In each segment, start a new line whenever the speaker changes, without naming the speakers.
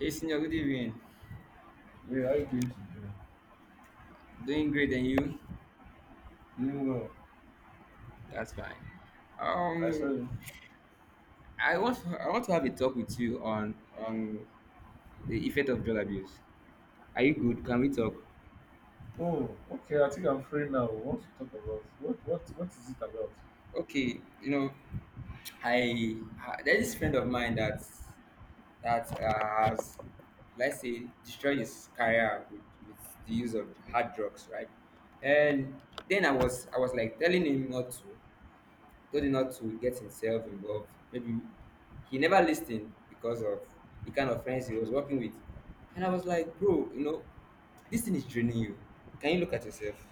Hey, senior, good evening.
Hey, how you doing today?
Doing great, and you?
Doing well.
That's fine.
I saw
Um,
you.
I want to have a talk with you on the effect of drug abuse. Are you good? Can we talk?
Oh, okay. I think I'm free now. What to talk about? What is it about?
Okay, you know, I there's this friend of mine that has, let's say, destroyed his career with the use of hard drugs, right? And then I was like telling him not to, told him not to get himself involved. Maybe he never listened because of the kind of friends he was working with. And I was like, bro, you know, this thing is draining you. Can you look at yourself?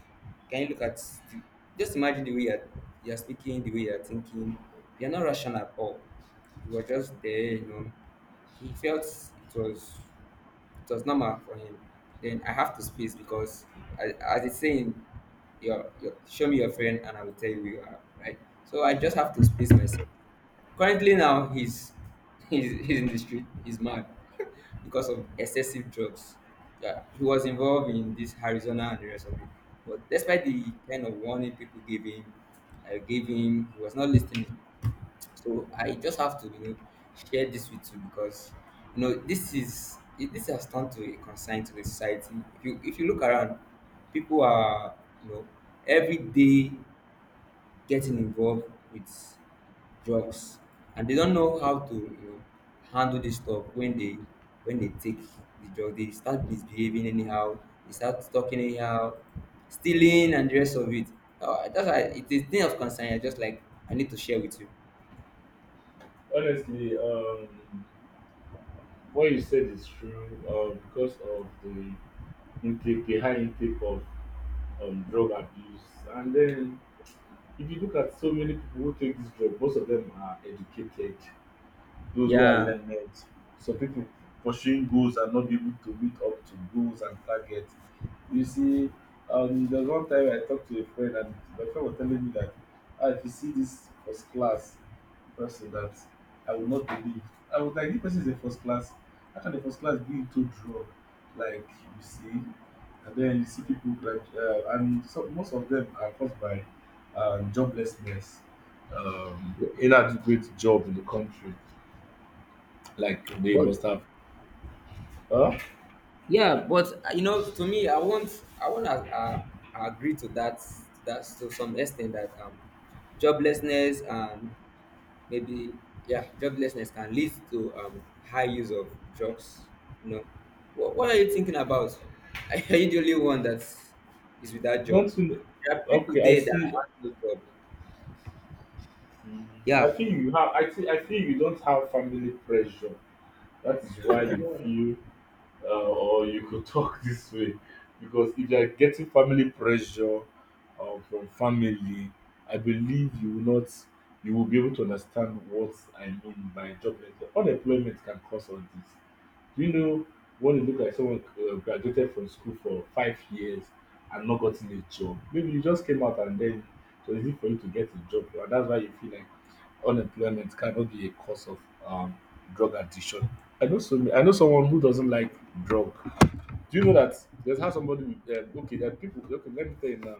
Can you look at the, just imagine the way you're speaking, the way you're thinking. You're not rational at all. You were just there. He felt it was. It was normal for him. Then I have to space because I, as it's saying, your show me your friend and I will tell you who you are, right? So I just have to space myself. Currently now he's in the street. He's mad because of excessive drugs. Yeah, he was involved in this Arizona and the rest of it. But despite the kind of warning people gave him, I gave him, he was not listening. So I just have to share this with you because this is it, this has turned to a concern to the society. If you look around, people are you know every day getting involved with drugs, and they don't know how to handle this stuff when they take the drug. They start misbehaving anyhow, they start talking anyhow, stealing and the rest of it. That's why it's thing of concern. I just like I need to share with you.
Honestly, what you said is true because of the intake, the high intake of drug abuse. And then, if you look at so many people who take this drug, most of them are educated, those who are
Yeah.
learned. Some people pursuing goals and not be able to meet up to goals and targets. You see, there's one time I talked to a friend, and my friend was telling me that ah, if you see this first class person, that I will not believe. I was like, this person is a first class. How can the first class be into draw? Like, you see, and then you see people like and so most of them are caused by joblessness, um, inadequate job in the country, like they
But
must have. Huh?
yeah, but you know, to me, I want to agree to that, that to some extent that joblessness and maybe, yeah, joblessness can lead to high use of drugs. You know, what are you thinking about? Are you the only one that is without job?
Don't you?
There are people
Okay, I
there that
see.
have no job.
Mm. I
Yeah.
think you have. I think you don't have family pressure. That is why you feel, or you could talk this way, because if you are getting family pressure from family, I believe you will not. You will be able to understand what I mean by jobless. Unemployment can cause all this. Do you know when you look like someone graduated from school for 5 years and not gotten a job? Maybe you just came out and then it was easy for you to get a job, and that's why you feel like unemployment cannot be a cause of um, drug addiction. I know someone who doesn't like drug. Do you know that there's how somebody okay, there are people. Okay, let me tell you now.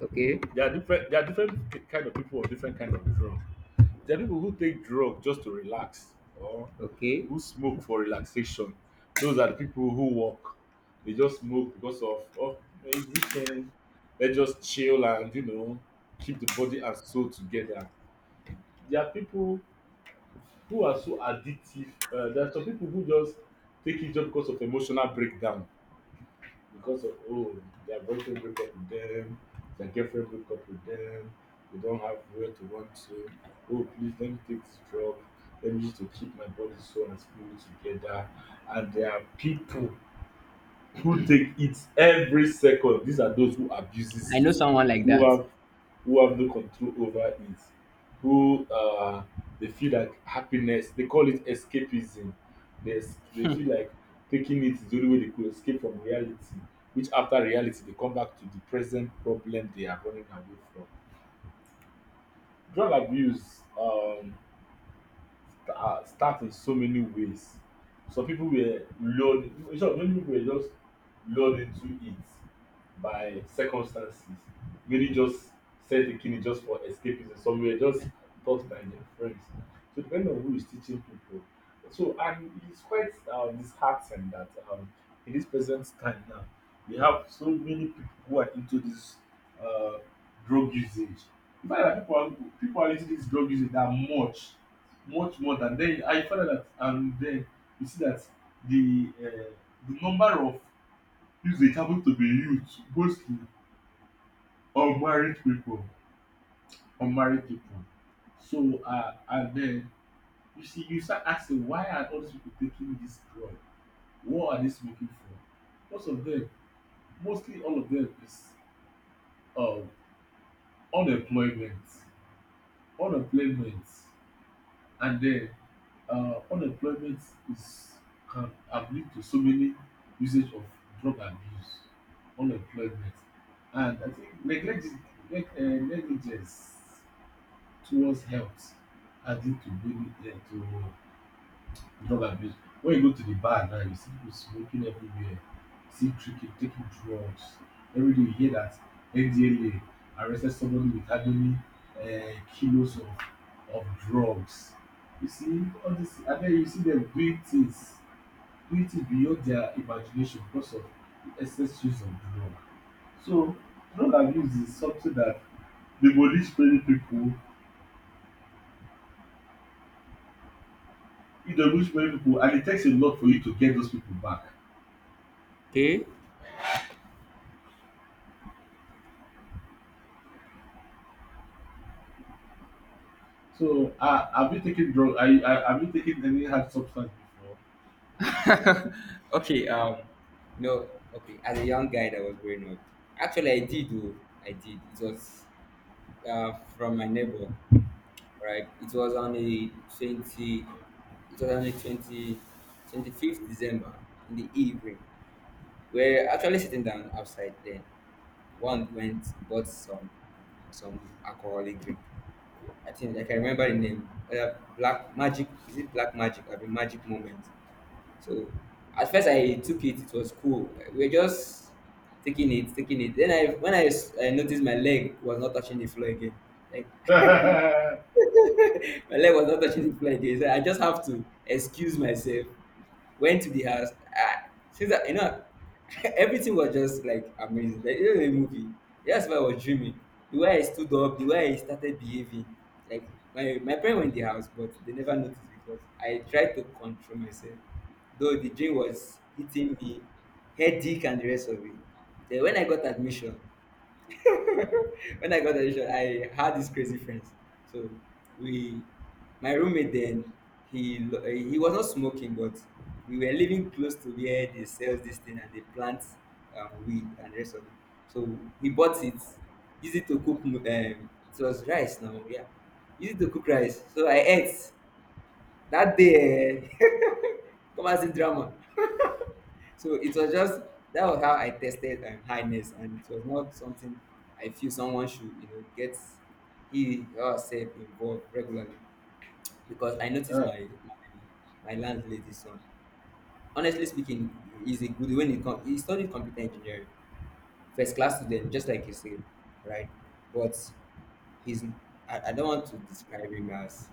Okay.
There are different kind of people or different kind of drug. There are people who take drug just to relax, or
Okay.
who smoke for relaxation. Those are the people who work. They just smoke because of oh, it's weekend. Let's just chill and, you know, keep the body and soul together. There are people who are so addictive. There are some people who just take it just because of emotional breakdown, because of oh, their boyfriend break up with them, their girlfriend break up with them, they don't have where to run to. Oh please, let me take this drug, let me use it to keep my body, soul and spirit together. And there are people who take it every second. These are those who
I
abuses
know
it,
someone like
who
that.
have who have no control over it, who they feel like happiness. They call it escapism. They feel like taking it is the only way they could escape from reality. Which after reality they come back to the present problem they are running away from. Drug abuse. Start in so many ways. Some people were lured, in short, many people were just lured into it by circumstances. Many just said the kidney just for escapism. Some were just taught by their friends. So depending on who is teaching people. So and it's quite disheartening that in this present time now we have so many people who are into this uh, drug usage. In fact, that people are into this drug usage that much, much more than, then I found out that and then you see that the uh, the number of usage happens to be youth, mostly unmarried people unmarried people. So and then you see you start asking, why are all these people taking this drug? What are they smoking for? Most of them, mostly all of them is um unemployment, unemployment. And then unemployment is, can have lead to so many usage of drug abuse, unemployment, and I think neglect, negligence towards health, adding to many to drug abuse. When you go to the bar now, you see people smoking everywhere. See tricky, taking drugs. Every day you hear that NDLA arrested somebody with hardly kilos of drugs. You see all this, and then you see them doing things beyond their imagination because of the excess use of drug. So drug abuse is something that demolish many people, it demolish many people, and it takes a lot for you to get those people back.
Okay.
So, have you taken drug? Are you, have you taken any hard substance
Okay, no, okay. As a young guy that was growing up, actually, I did. It was, from my neighbor, right? It was on the 25th December in the evening. We're actually sitting down outside. Then one went bought some alcoholic drink. I think I can remember the name. Black Magic, is it Black Magic? I mean, Magic Moment. So at first I took it, it was cool. Like, we are just taking it, taking it. Then I when I, s- I noticed my leg was not touching the floor again. Like
before?
my leg was not touching the floor again. So I just have to excuse myself. Went to the house. Ah, since I, you know, everything was just like amazing. Like, you know, the movie. That's why I was dreaming. The way I stood up, the way I started behaving. Like my parents were in the house, but they never noticed because I tried to control myself. Though the dream was hitting me, headache and the rest of it. Then when I got admission, I had these crazy friends. So we, my roommate then, he was not smoking, but we were living close to where they sell this thing and they plant weed and the rest of it. So he bought it, easy to cook. It was rice now, yeah, easy to cook rice. So I ate that day. Come as in drama. So it was just That was how I tested highness, and it was not something I feel someone should, you know, get he or herself involved regularly, because I noticed my landlady's son. Honestly speaking, he's a good when he come. He studied computer engineering, first class student, just like you said, right? But he's, I don't want to describe him as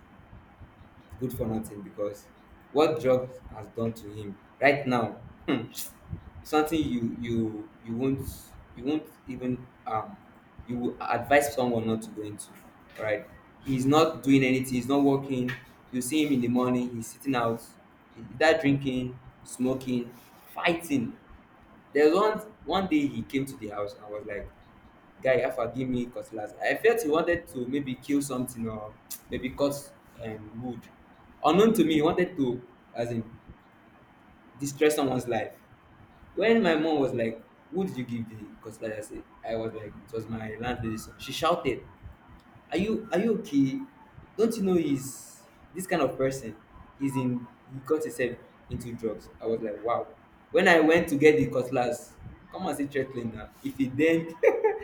good for nothing, because what drugs has done to him right now something you won't, you won't even you will advise someone not to go into, right? He's not doing anything, he's not working. You see him in the morning, he's sitting out, either drinking, smoking, fighting. There's one day he came to the house and was like, "Guy Alpha, give me cutlass." I felt he wanted to maybe kill something or maybe cut wood. Unknown to me, he wanted to, as in, destroy someone's life. When my mom was like, "Who did you give the cutlass?" I said, I was like, "It was my landlady's son." She shouted, "Are you okay? Don't you know he's this kind of person? He's in, he got himself into drugs." I was like, "Wow." When I went to get the cutlass, come and see threatening now. If it then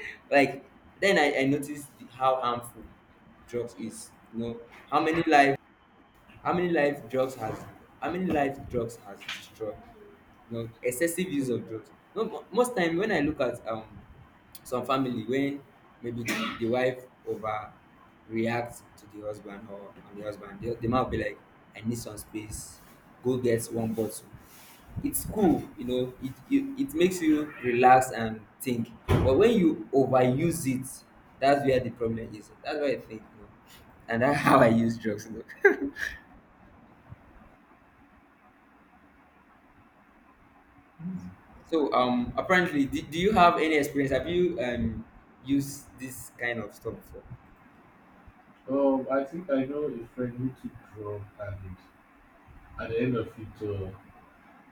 like, then I noticed how harmful drugs is. You know how many lives, how many lives drugs has how many lives drugs has destroyed? You know, excessive use of drugs. No, most time when I look at some family, when maybe the wife overreacts to the husband or on the husband, the man will be like, "I need some space, go get one bottle." It's cool, you know, it makes you relax and think. But when you overuse it, that's where the problem is. That's why I think, you know. And that's how I use drugs, you know.
Hmm.
So apparently, do you have any experience? Have you used this kind of stuff before?
I think I know a friend who took drug, and at the end of it,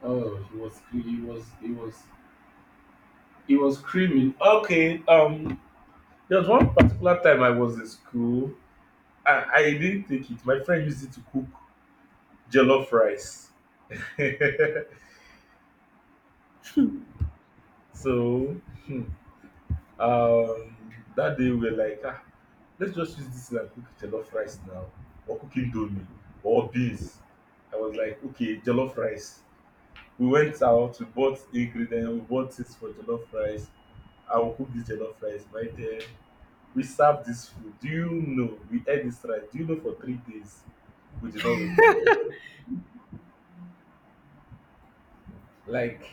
oh, he was cre- he was he was he was screaming. Okay, there was one particular time I was in school. I didn't take it. My friend used it to cook jollof rice. So, hmm, um, that day we were like, ah, let's just use this and cook jollof rice now, or cook indomie, or beans. I was like, okay, jollof rice. We went out, we bought ingredients, we bought things for jollof rice. I will cook this jollof rice. My dear, we served this food. Do you know we ate this rice? Do you know for 3 days we did not wake up? Like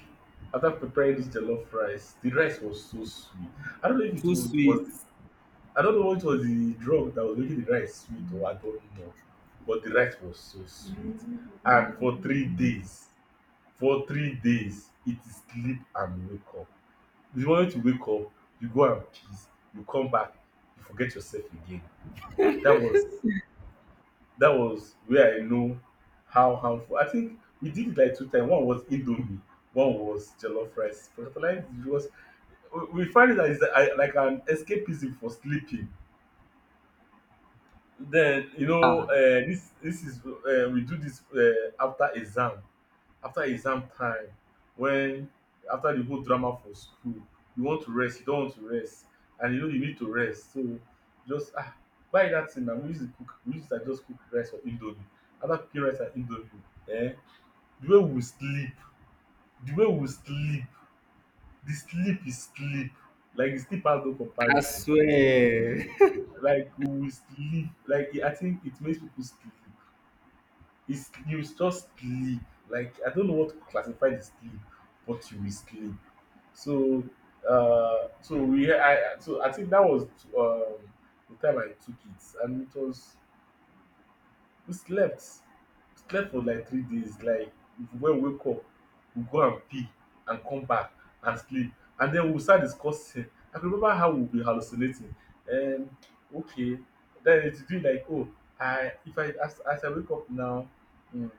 after preparing this jollof rice, the rice was so sweet. I don't know if it
Too
would,
sweet.
was I don't know what was the drug that was making the rice sweet, or I don't know. But the rice was so sweet. And for 3 days, for 3 days, it is sleep and wake up. The moment you wake up, you go and piss, you come back, you forget yourself again. That was that was where I know how harmful. I think we did it like 2 times. One was Indomie, one was jollof rice. But like it was, we find it as like an escapism for sleeping. Then you know this is we do this after exam, after exam time, when after the whole drama for school you want to rest, you don't want to rest, and you know you need to rest. So just ah, buy that thing na, we use it cook, we use it and just cook rice or indomie. After cooking rice and indomie, eh, the way we sleep the way we sleep, the sleep is sleep, like the sleep has no
I
comparison,
swear.
like we will sleep. Like I think it makes people sleep. It's you just sleep. Like I don't know what to classify the sleep, but you will sleep. So so I think that was um the time I took it, and it was we slept. Slept for like 3 days. Like when we wake up, we go and pee and come back and sleep. And then we'll start discussing. I can remember how we'll be hallucinating. Um okay. Then it will be like, oh, I if I as I wake up now, mm,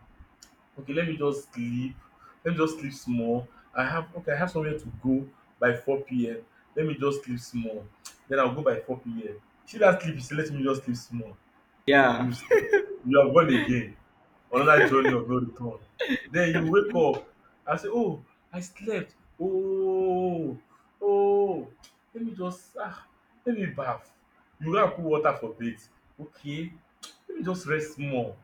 okay, let me just sleep. Let me just sleep small. I have, okay, I have somewhere to go by 4 p.m. Let me just sleep small. Then I'll go by 4 p.m. See that sleep, you let me just sleep small.
Yeah.
You sleep, you have gone again. Another journey of no return. Then you wake up and say, oh, I slept. Oh, oh, let me just ah, let me bath. You go and put water for bath. Okay, let me just rest small.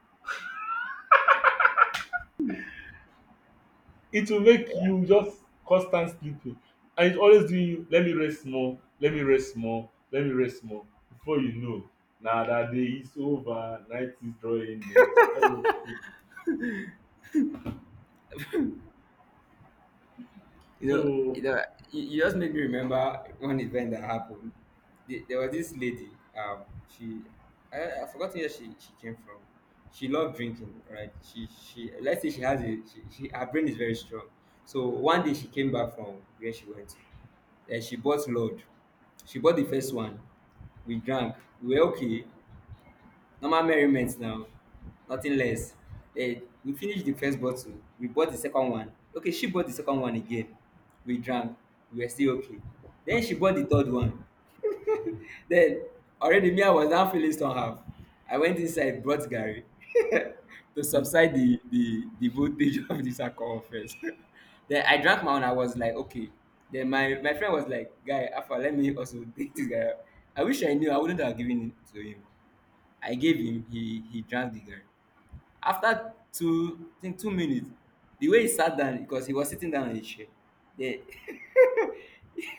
It will make you just constant sleeping, and it's always doing you, let me rest small, let me rest small, let me rest small. Before you know, na that day is over, night is drawing near. That way you fit be.
You know, you
So
know, you just made me remember one event that happened. There was this lady. Um, she, I forgot where she came from. She loved drinking, right? She Let's say she has a she her brain is very strong. So one day she came back from where she went to, and she bought load. She bought the first one. We drank. We were okay. Normal merriment now, nothing less. Then we finished the first bottle, we bought the second one. Okay, she bought the second one again. We drank, we were still okay. Then she bought the third one. Then already me, I was now feeling somehow. I went inside, brought Gary to
mm,
subside the voltage of this alcohol first. Then I drank my own. I was like, okay. Then my friend was like, "Guy, Alpha, let me also take this guy out." I wish I knew. I wouldn't have given it to him. I gave him, he drank the garri. After two I think 2 minutes, the way he sat down, because he was sitting down on a chair. Then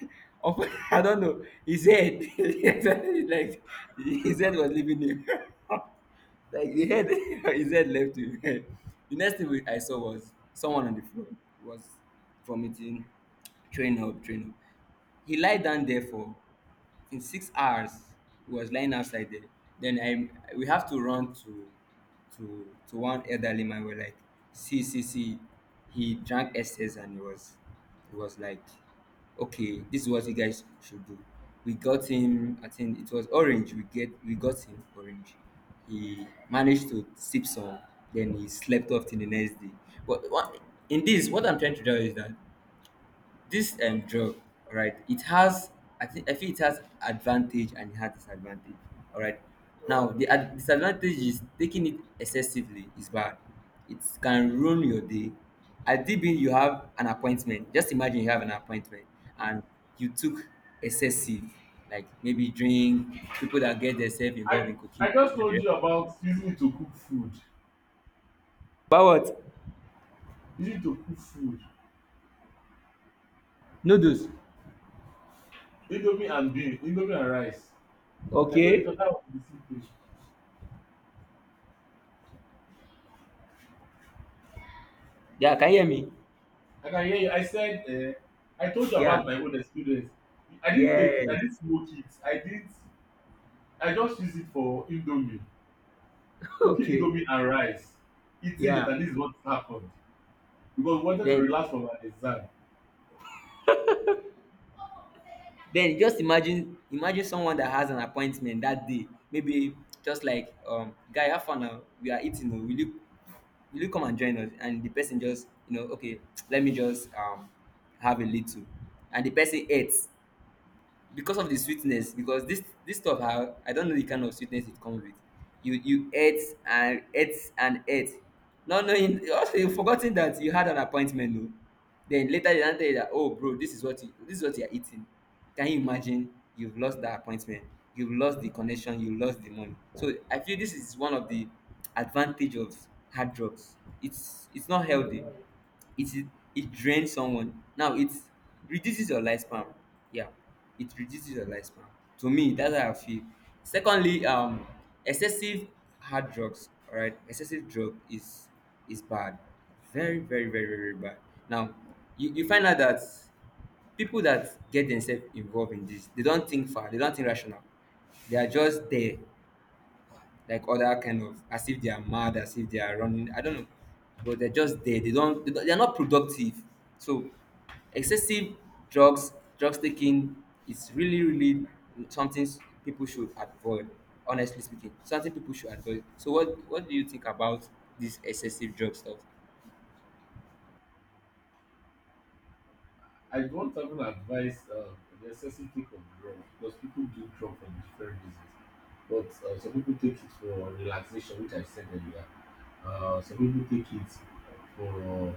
of- I don't know his head like his head was leaving him. Like the head his head left him. The next thing I saw was someone on the floor. He was vomiting, throwing up, throwing up. He lied down there for, in 6 hours he was lying outside there. Then I we have to run to one elderly man. We're like, "See, see, see, he drank excess." And he was, he was like, "Okay, this is what you guys should do." We got him, I think it was orange, we got him orange. He managed to sip some. Then he slept off till the next day. But what, in this, what I'm trying to tell you is that this drug, all right, it has, I think I feel it has advantage and it has disadvantage. All right, now the disadvantage is taking it excessively is bad. It can ruin your day at DB. You have an appointment, just imagine you have an appointment, and you took excessive, like maybe drink, people that get themselves involved
I
in cooking
I just
and the
told
rest.
you about using it to cook food.
But what?
Using it to cook food.
Noodles.
Indomie and bean, indomie and rice. I told you
Okay.
that that was the simple.
Yeah, can you hear me?
I can hear you. I said I told you
Yeah.
about my own experience.
Yes.
I didn't smoke it, I didn't, I just use it for indomie, cooking
Okay.
indomie and rice, eating it,
Yeah.
and this is what happened. Because we wanted to
then
relax from our exam.
Then just imagine, imagine someone that has an appointment that day. Maybe just like, guy, have fun now. We are eating. Oh, will you come and join us? And the person just okay, let me just have a little, and the person eats because of the sweetness. Because this stuff, I don't know the kind of sweetness it comes with. You ate and ate and ate, not knowing also you forgotten that you had an appointment o. Then later they now tell you that, oh bro, this is what you are eating. Can you imagine? You've lost that appointment, you've lost the connection, you lost the money. So I feel this is one of the advantage of hard drugs. It's not healthy. It is. It drains someone. Now it reduces your lifespan. Yeah, it reduces your lifespan. To me, that's how I feel. Secondly, excessive hard drugs, all right, excessive drug is bad. Very bad. Now you find out that people that get themselves involved in this, they don't think far, they don't think rational. They are just there, like other kind of, as if they are mad, as if they are running. I don't know, but they're just there. They don't. They are not productive. So excessive drugs taking is really, really something people should avoid. Honestly speaking, something people should avoid. So what do you think about this excessive drug stuff?
I don't even advise the excessive take of drug because people do drug for different reasons. But Some people take it for relaxation, which I said earlier. Uh, some people take it for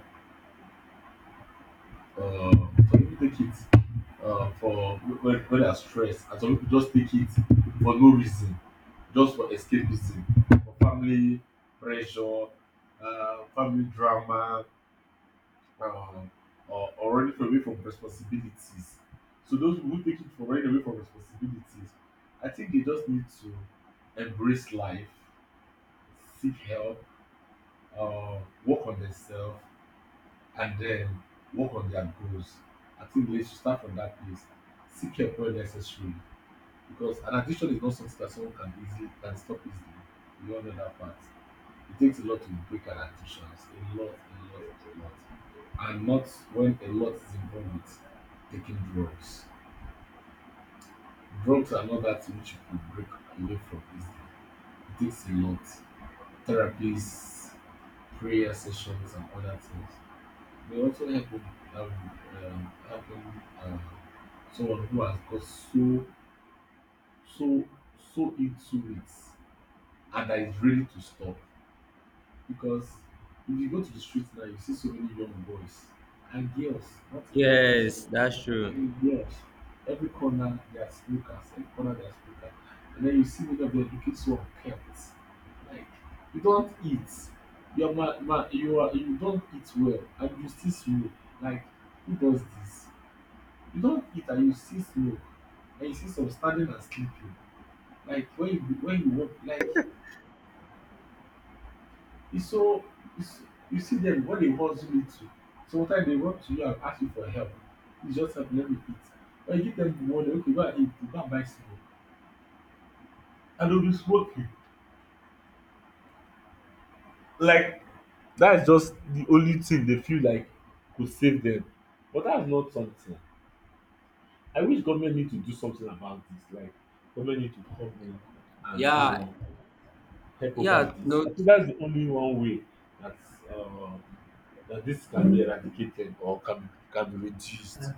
uh, some people take it for when they are stressed, and some people just take it for no reason, just for escapism, for family pressure, family drama, um, or running away from responsibilities. So those who take it for running away from responsibilities, I think they just need to embrace life, seek help, uh, work on themselves, and then work on their goals. I think they should start from that place. Seek help where necessary because an addiction is not something that someone can easily can stop easily. You all know that part. It takes a lot to break an addiction. A lot, a lot, a lot. And not when a lot is involved with taking drugs. Drugs are not that which you can break away from easily. It takes a lot. Therapies, prayer sessions, and other things. We also help um helping uh, someone who has got so so into it and that is ready to stop because if you go to the street now you see so many young boys and girls, not even boys,
Yes, that's true.
even girls. Every corner they are smokers, every corner they are smokers, and then you see many of them looking so unkempt, like you don't eat. You are ma ma you are You don't eat well and you still smoke. Like, who does this? You don eat and you see smoke, and you see some standing and sleeping. Like when you work, like it's so, it's, you see them when they hustle you to. Sometimes they run to you and ask you for help. You just help, let me eat. When you give them the money, okay, go and eat, go and buy smoke. And they'll be smoking. Like, that is just the only thing they feel like could save them. But that's not something. I wish government need to do something about this. Like government need to come in and you
Yeah,
know help over
yeah.
this.
No,
I think that's the only one way that uh, that this can be eradicated or can be reduced.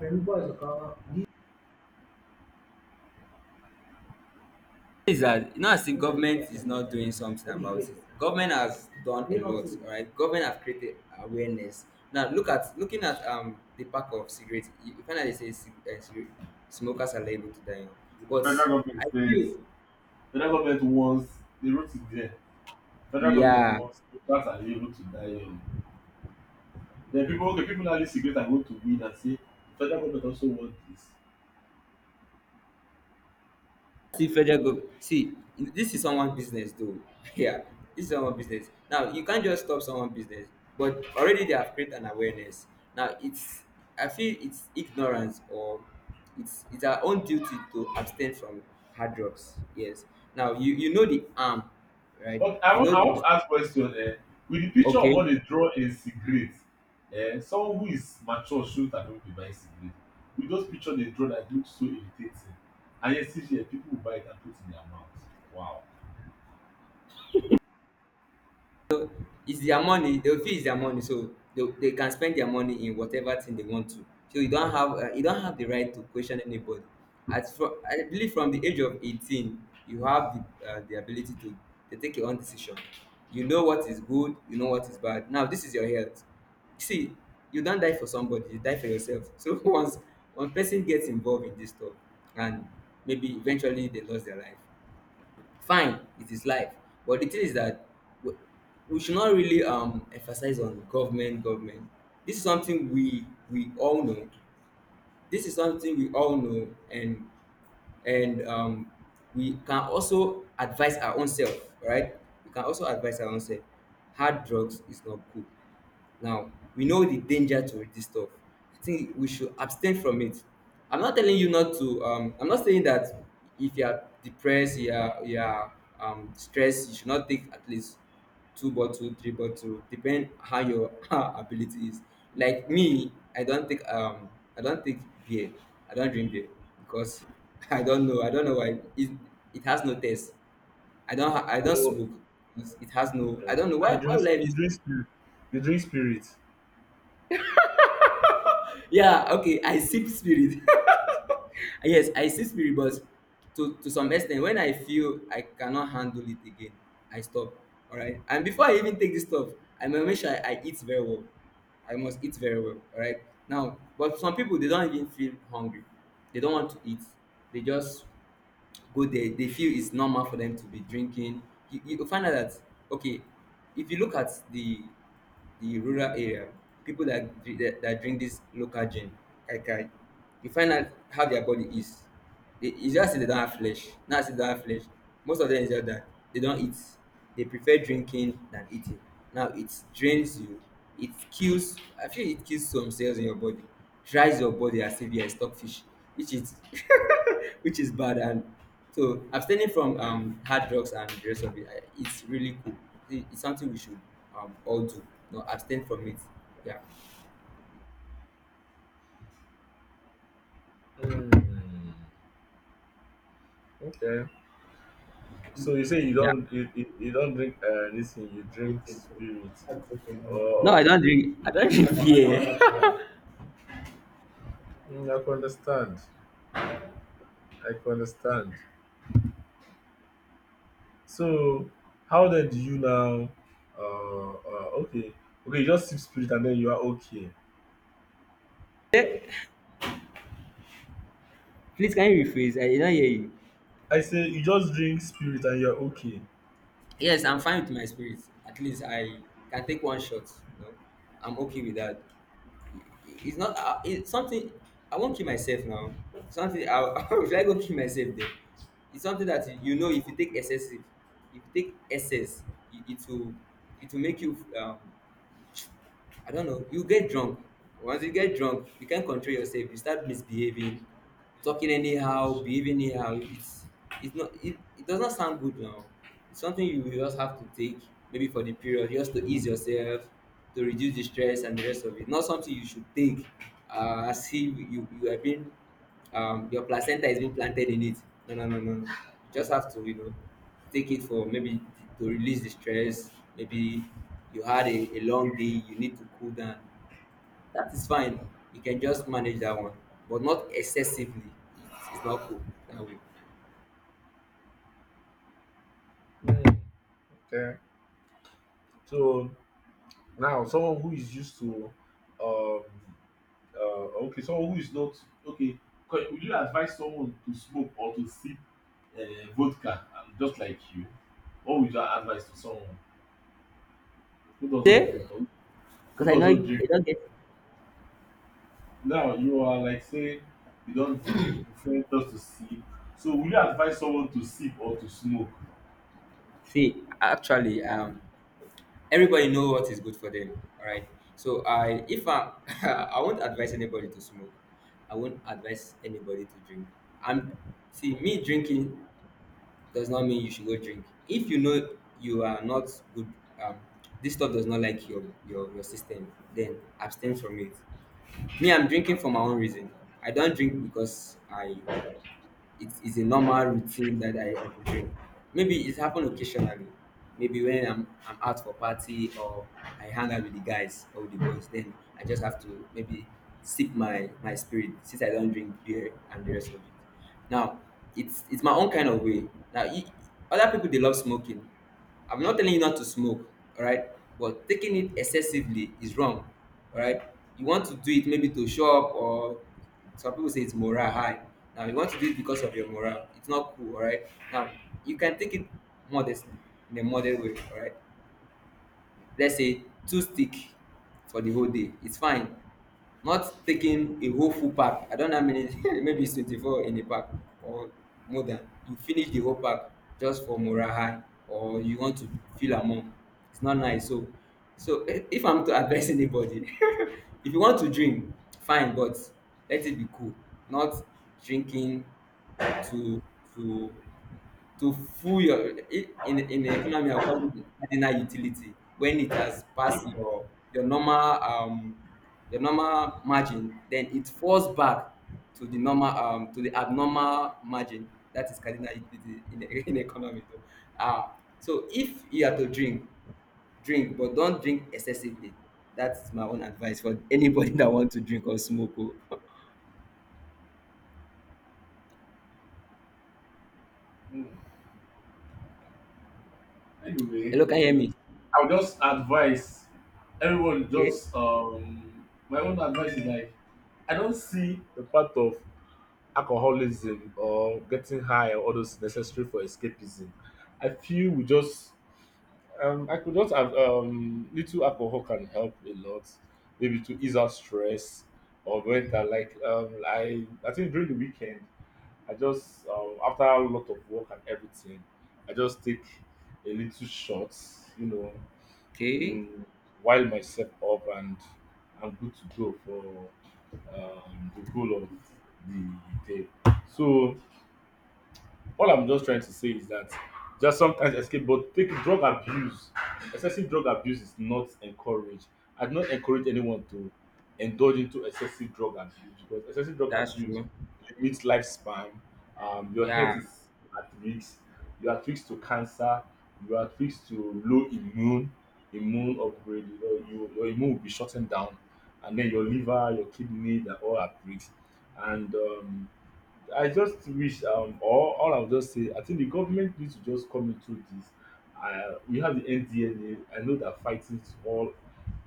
is that you know, as if government is not doing something about it? Government has done a lot, all right? Government have created awareness. Now looking at the pack of cigarettes, you find out they say cigarette smokers are liable to die young,
The
but
federal government
I feel,
says, federal government wants, they wrote it there. Federal government
yeah.
wants voters are able to die young. Then people, okay, people now use cigarette and go to weed and say federal government also want this.
See federal government. See, this is someone business though. Yeah, this is someone business. Now you can't just stop someone business, but already they have created an awareness. Now it's, I feel it's ignorance or it's our own duty to abstain from hard drugs. Yes. Now you know the harm, right?
But I
You
want
know
I
the,
want to ask question, eh, with the picture of
okay.
what they draw in cigarette, eh, someone who is mature shouldn't have been able to buy cigarette. With those picture they draw that look so irritating and yet still here people will buy it and put it in their mouth. Wow.
It's their money, they feel it's their money, so they can spend their money in whatever thing they want to. So you don't have the right to question anybody. As from I believe from the age of 18, you have the ability to take your own decision. You know what is good, you know what is bad. Now this is your health. See, you don't die for somebody, you die for yourself. So once one person gets involved in this stuff, and maybe eventually they lost their life, fine, it is life. But the thing is that we, we should not really emphasize on government, government. This is something we all know. This is something we all know. And we can also advise our own self, right? We can also advise our own self. Hard drugs is not good. Now we know the danger to this stuff. I think we should abstain from it. I'm not telling you not to I'm not saying that if you are depressed, you are stressed, you should not take at least two bottle, three bottle, depend how your how ability is. Like me, I don't take I don't take beer. I don't drink beer because I don't know, I don't know why it, it has no taste. I don't
So,
smoke because it has no,
okay,
I don't know
okay,
why would I
you
use?
drink spirit. You drink spirit.
Yeah, okay, I sip spirit. Yes, I still spirit, but to some extent. When I feel I cannot handle it again, I stop. Alright, and before I even take this stuff, I must make sure I eat very well. I must eat very well, alright. Now but some people, they don't even feel hungry, they don't want to eat, they just go there, they feel it's normal for them to be drinking. You find out that, okay, if you look at the rural area, people that that drink this local gin, kai kai, you find out how their body is. They, it's just say they don't have flesh, most of them is just that they don't eat. They prefer drinking than eating. Now it drains you, it kills. I feel it kills some cells in your body, dries your body as if you're a stockfish, which is, which is bad. And so abstaining from hard drugs and the rest of it, it's really cool. It's something we should, all do. No, abstain from it. Yeah.
Hmm. Okay. So you say you
Yeah.
don't, you don't drink anything. You drink spirit.
No,
Oh,
I don't drink. I don't drink beer.
hmm, I can understand. I can understand. So how then do you now okay, okay, you just sip spirit and then you are okay.
Please, can you rephrase? I did not hear you.
I say you just drink spirit and you are okay.
Yes, I'm fine with my spirit. At least I can take one shot. You know, I'm okay with that. It's not it's something I won't kill myself now. Something I, should I go kill myself then? It's something that you know, if you take excessive, if you take excess, it will, it will make you I don't know. You get drunk. Once you get drunk, you can't control yourself. You start misbehaving, talking anyhow, behaving anyhow. It's not it, it does not sound good now. It's something you will just have to take maybe for the period just to ease yourself, to reduce the stress and the rest of it. Not something you should take as if you you are being, your placenta is being planted in it. No, no, no, no, no. You just have to, you know, take it for maybe to release the stress. Maybe you had a long day, you need to cool down. That is fine. You can just manage that one, but not excessively. It's not cool that way.
Mm. Okay. So now someone who is used to um okay, someone who is not okay, would you advise someone to smoke or to sip uh, vodka, just like you? What would you advise to someone who doesn't drink or
Because
who
I know
doesn't
you
drink?
don't get,
Now you are like say you don't drink, you prefer just to sip, so will you advise someone to sip or to smoke?
see actually. Everybody know what is good for them, all right? So I if I I won't advise anybody to smoke, I won't advise anybody to drink. And see me drinking does not mean you should go drink. If you know you are not good, um this stuff does not like your system, then abstain from it. Me, I'm drinking for my own reason. I don't drink because I, it is a normal routine that I entertain. Maybe it happened occasionally. Maybe when I'm out for party, or I hang out with the guys or with the boys, then I just have to maybe sip my spirit, since I don't drink beer and the rest of it. Now it's my own kind of way. Now other people, they love smoking. I'm not telling you not to smoke, all right? But taking it excessively is wrong, all right? You want to do it maybe to show up, or some people say it's morale high. Now, you want to do it because of your morale. It's not cool, all right? Now, you can take it modestly, in a moderate way, all right? Let's say two stick for the whole day. It's fine. Not taking a whole full pack. I don't know how many, maybe it's 24 in a pack or more than. You finish the whole pack just for morale high or you want to feel among. It's not nice. So, so eh, if I'm to advise anybody, if you want to drink, fine, but let it be cool. Not drinking to to to fuel your in the economy according to cardinal utility. When it has passed your normal um your normal margin, then it falls back to the normal to the abnormal margin. That is cardinal utility in the, in the economy though. Ah, so if you have to drink, drink but don't drink excessively. That's my own advice for anybody that want to drink or smoke oh.
Hmm. Anyway,
Hello, can you hear me?
I would just advise everyone,
Okay,
just my own advice is like, I don't see the part of alcoholism or getting high or all those necessary for escapism. I feel we just, I could just have little alcohol can help a lot, maybe to ease out stress, or when I, like, um, I think during the weekend, I just after a lot of work and everything, I just take a little shot, you know,
okay,
mm, while myself up, and I'm good to go for the whole of the day. So all I'm just trying to say is that just sometimes escape, but take drug abuse. Excessive drug abuse is not encouraged. I do not encourage anyone to indulge into excessive drug abuse because excessive drug
that's
abuse
true.
limits lifespan. Your
Yeah,
health is at risk. You are at risk to cancer. You are at risk to low immune upgrade. You know, you, your immune will be shutting down, and then your liver, your kidney, they're all at risk. And I just wish or all I'll just say, I think the government needs to just come into this. We have the NDLA. I know they're fighting to all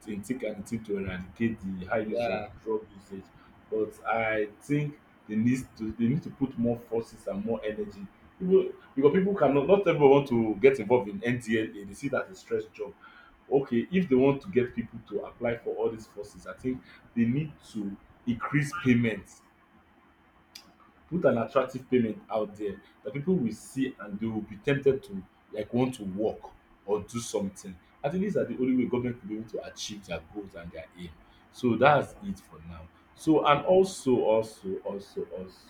to thick and thin to eradicate the high use of drug usage, but I think they need to put more forces and more energy. People, because people cannot, not everyone want to get involved in NDLA. They see that as a stress job. Okay, if they want to get people to apply for all these forces, I think they need to increase payment, put an attractive payment out there that people will see and they will be tempted to, like, want to work or do something. I think these are the only way government will be able to achieve their goals and their aim. So that's it for now. So, and also,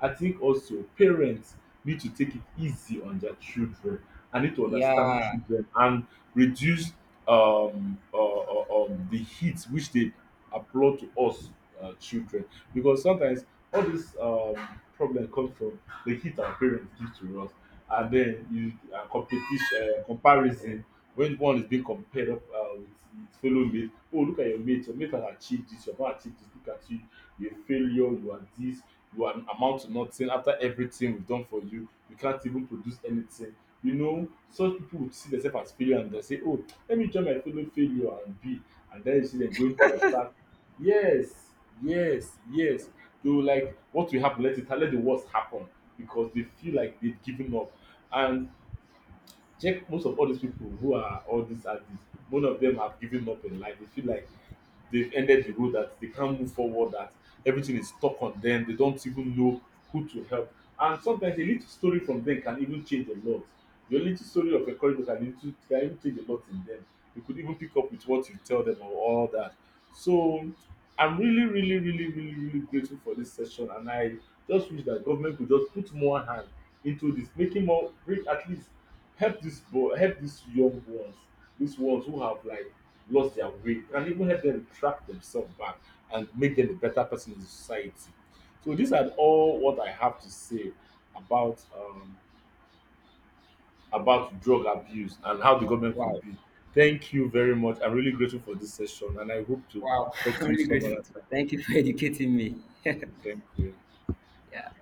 I think also parents need to take it easy on their children and need to understand
yeah.
children and reduce the heat which they applaud to us, children, because sometimes all this problem comes from the heat our parents give to us, and then you, competition, comparison, when one is being compared up, with his fellow mate. Oh, look at your mate, your mate has achieved this, you have not achieved this, look at you, you a failure, you are this, you are amount to nothing, after everything we have done for you, you can't even produce anything. You know, such people would see themselves as failure and they say, oh, let me join my fellow failure and be, and then you see them going to start. Yes, yes, yes, they were like, what will happen? Let it, let the worst happen, because they feel like they've given up. And check, most of all these people who are all these artists, none of them have given up in life, they feel like they've ended the road, that they can't move forward, that everything is stuck on them, they don't even know who to help. And sometimes a little story from them can even change a lot. Your little story of encouragement can even change a lot in them. You could even pick up with what you tell them or all that. So I'm really really really really really grateful for this session, and I just wish that government could just put more hand into this, making more, make at least, help this boy, help these young ones, these ones who have like lost their way, and even help them track themselves back and make them a better person in society. So these are all what I have to say about um about drug abuse and how the government
Wow.
could be. Thank you very much, I'm really grateful for this session and I hope to
Wow,
talk
I'm
to you
really
some
grateful
other
to you.
time.
Thank you for educating me.
Thank you.
Yeah.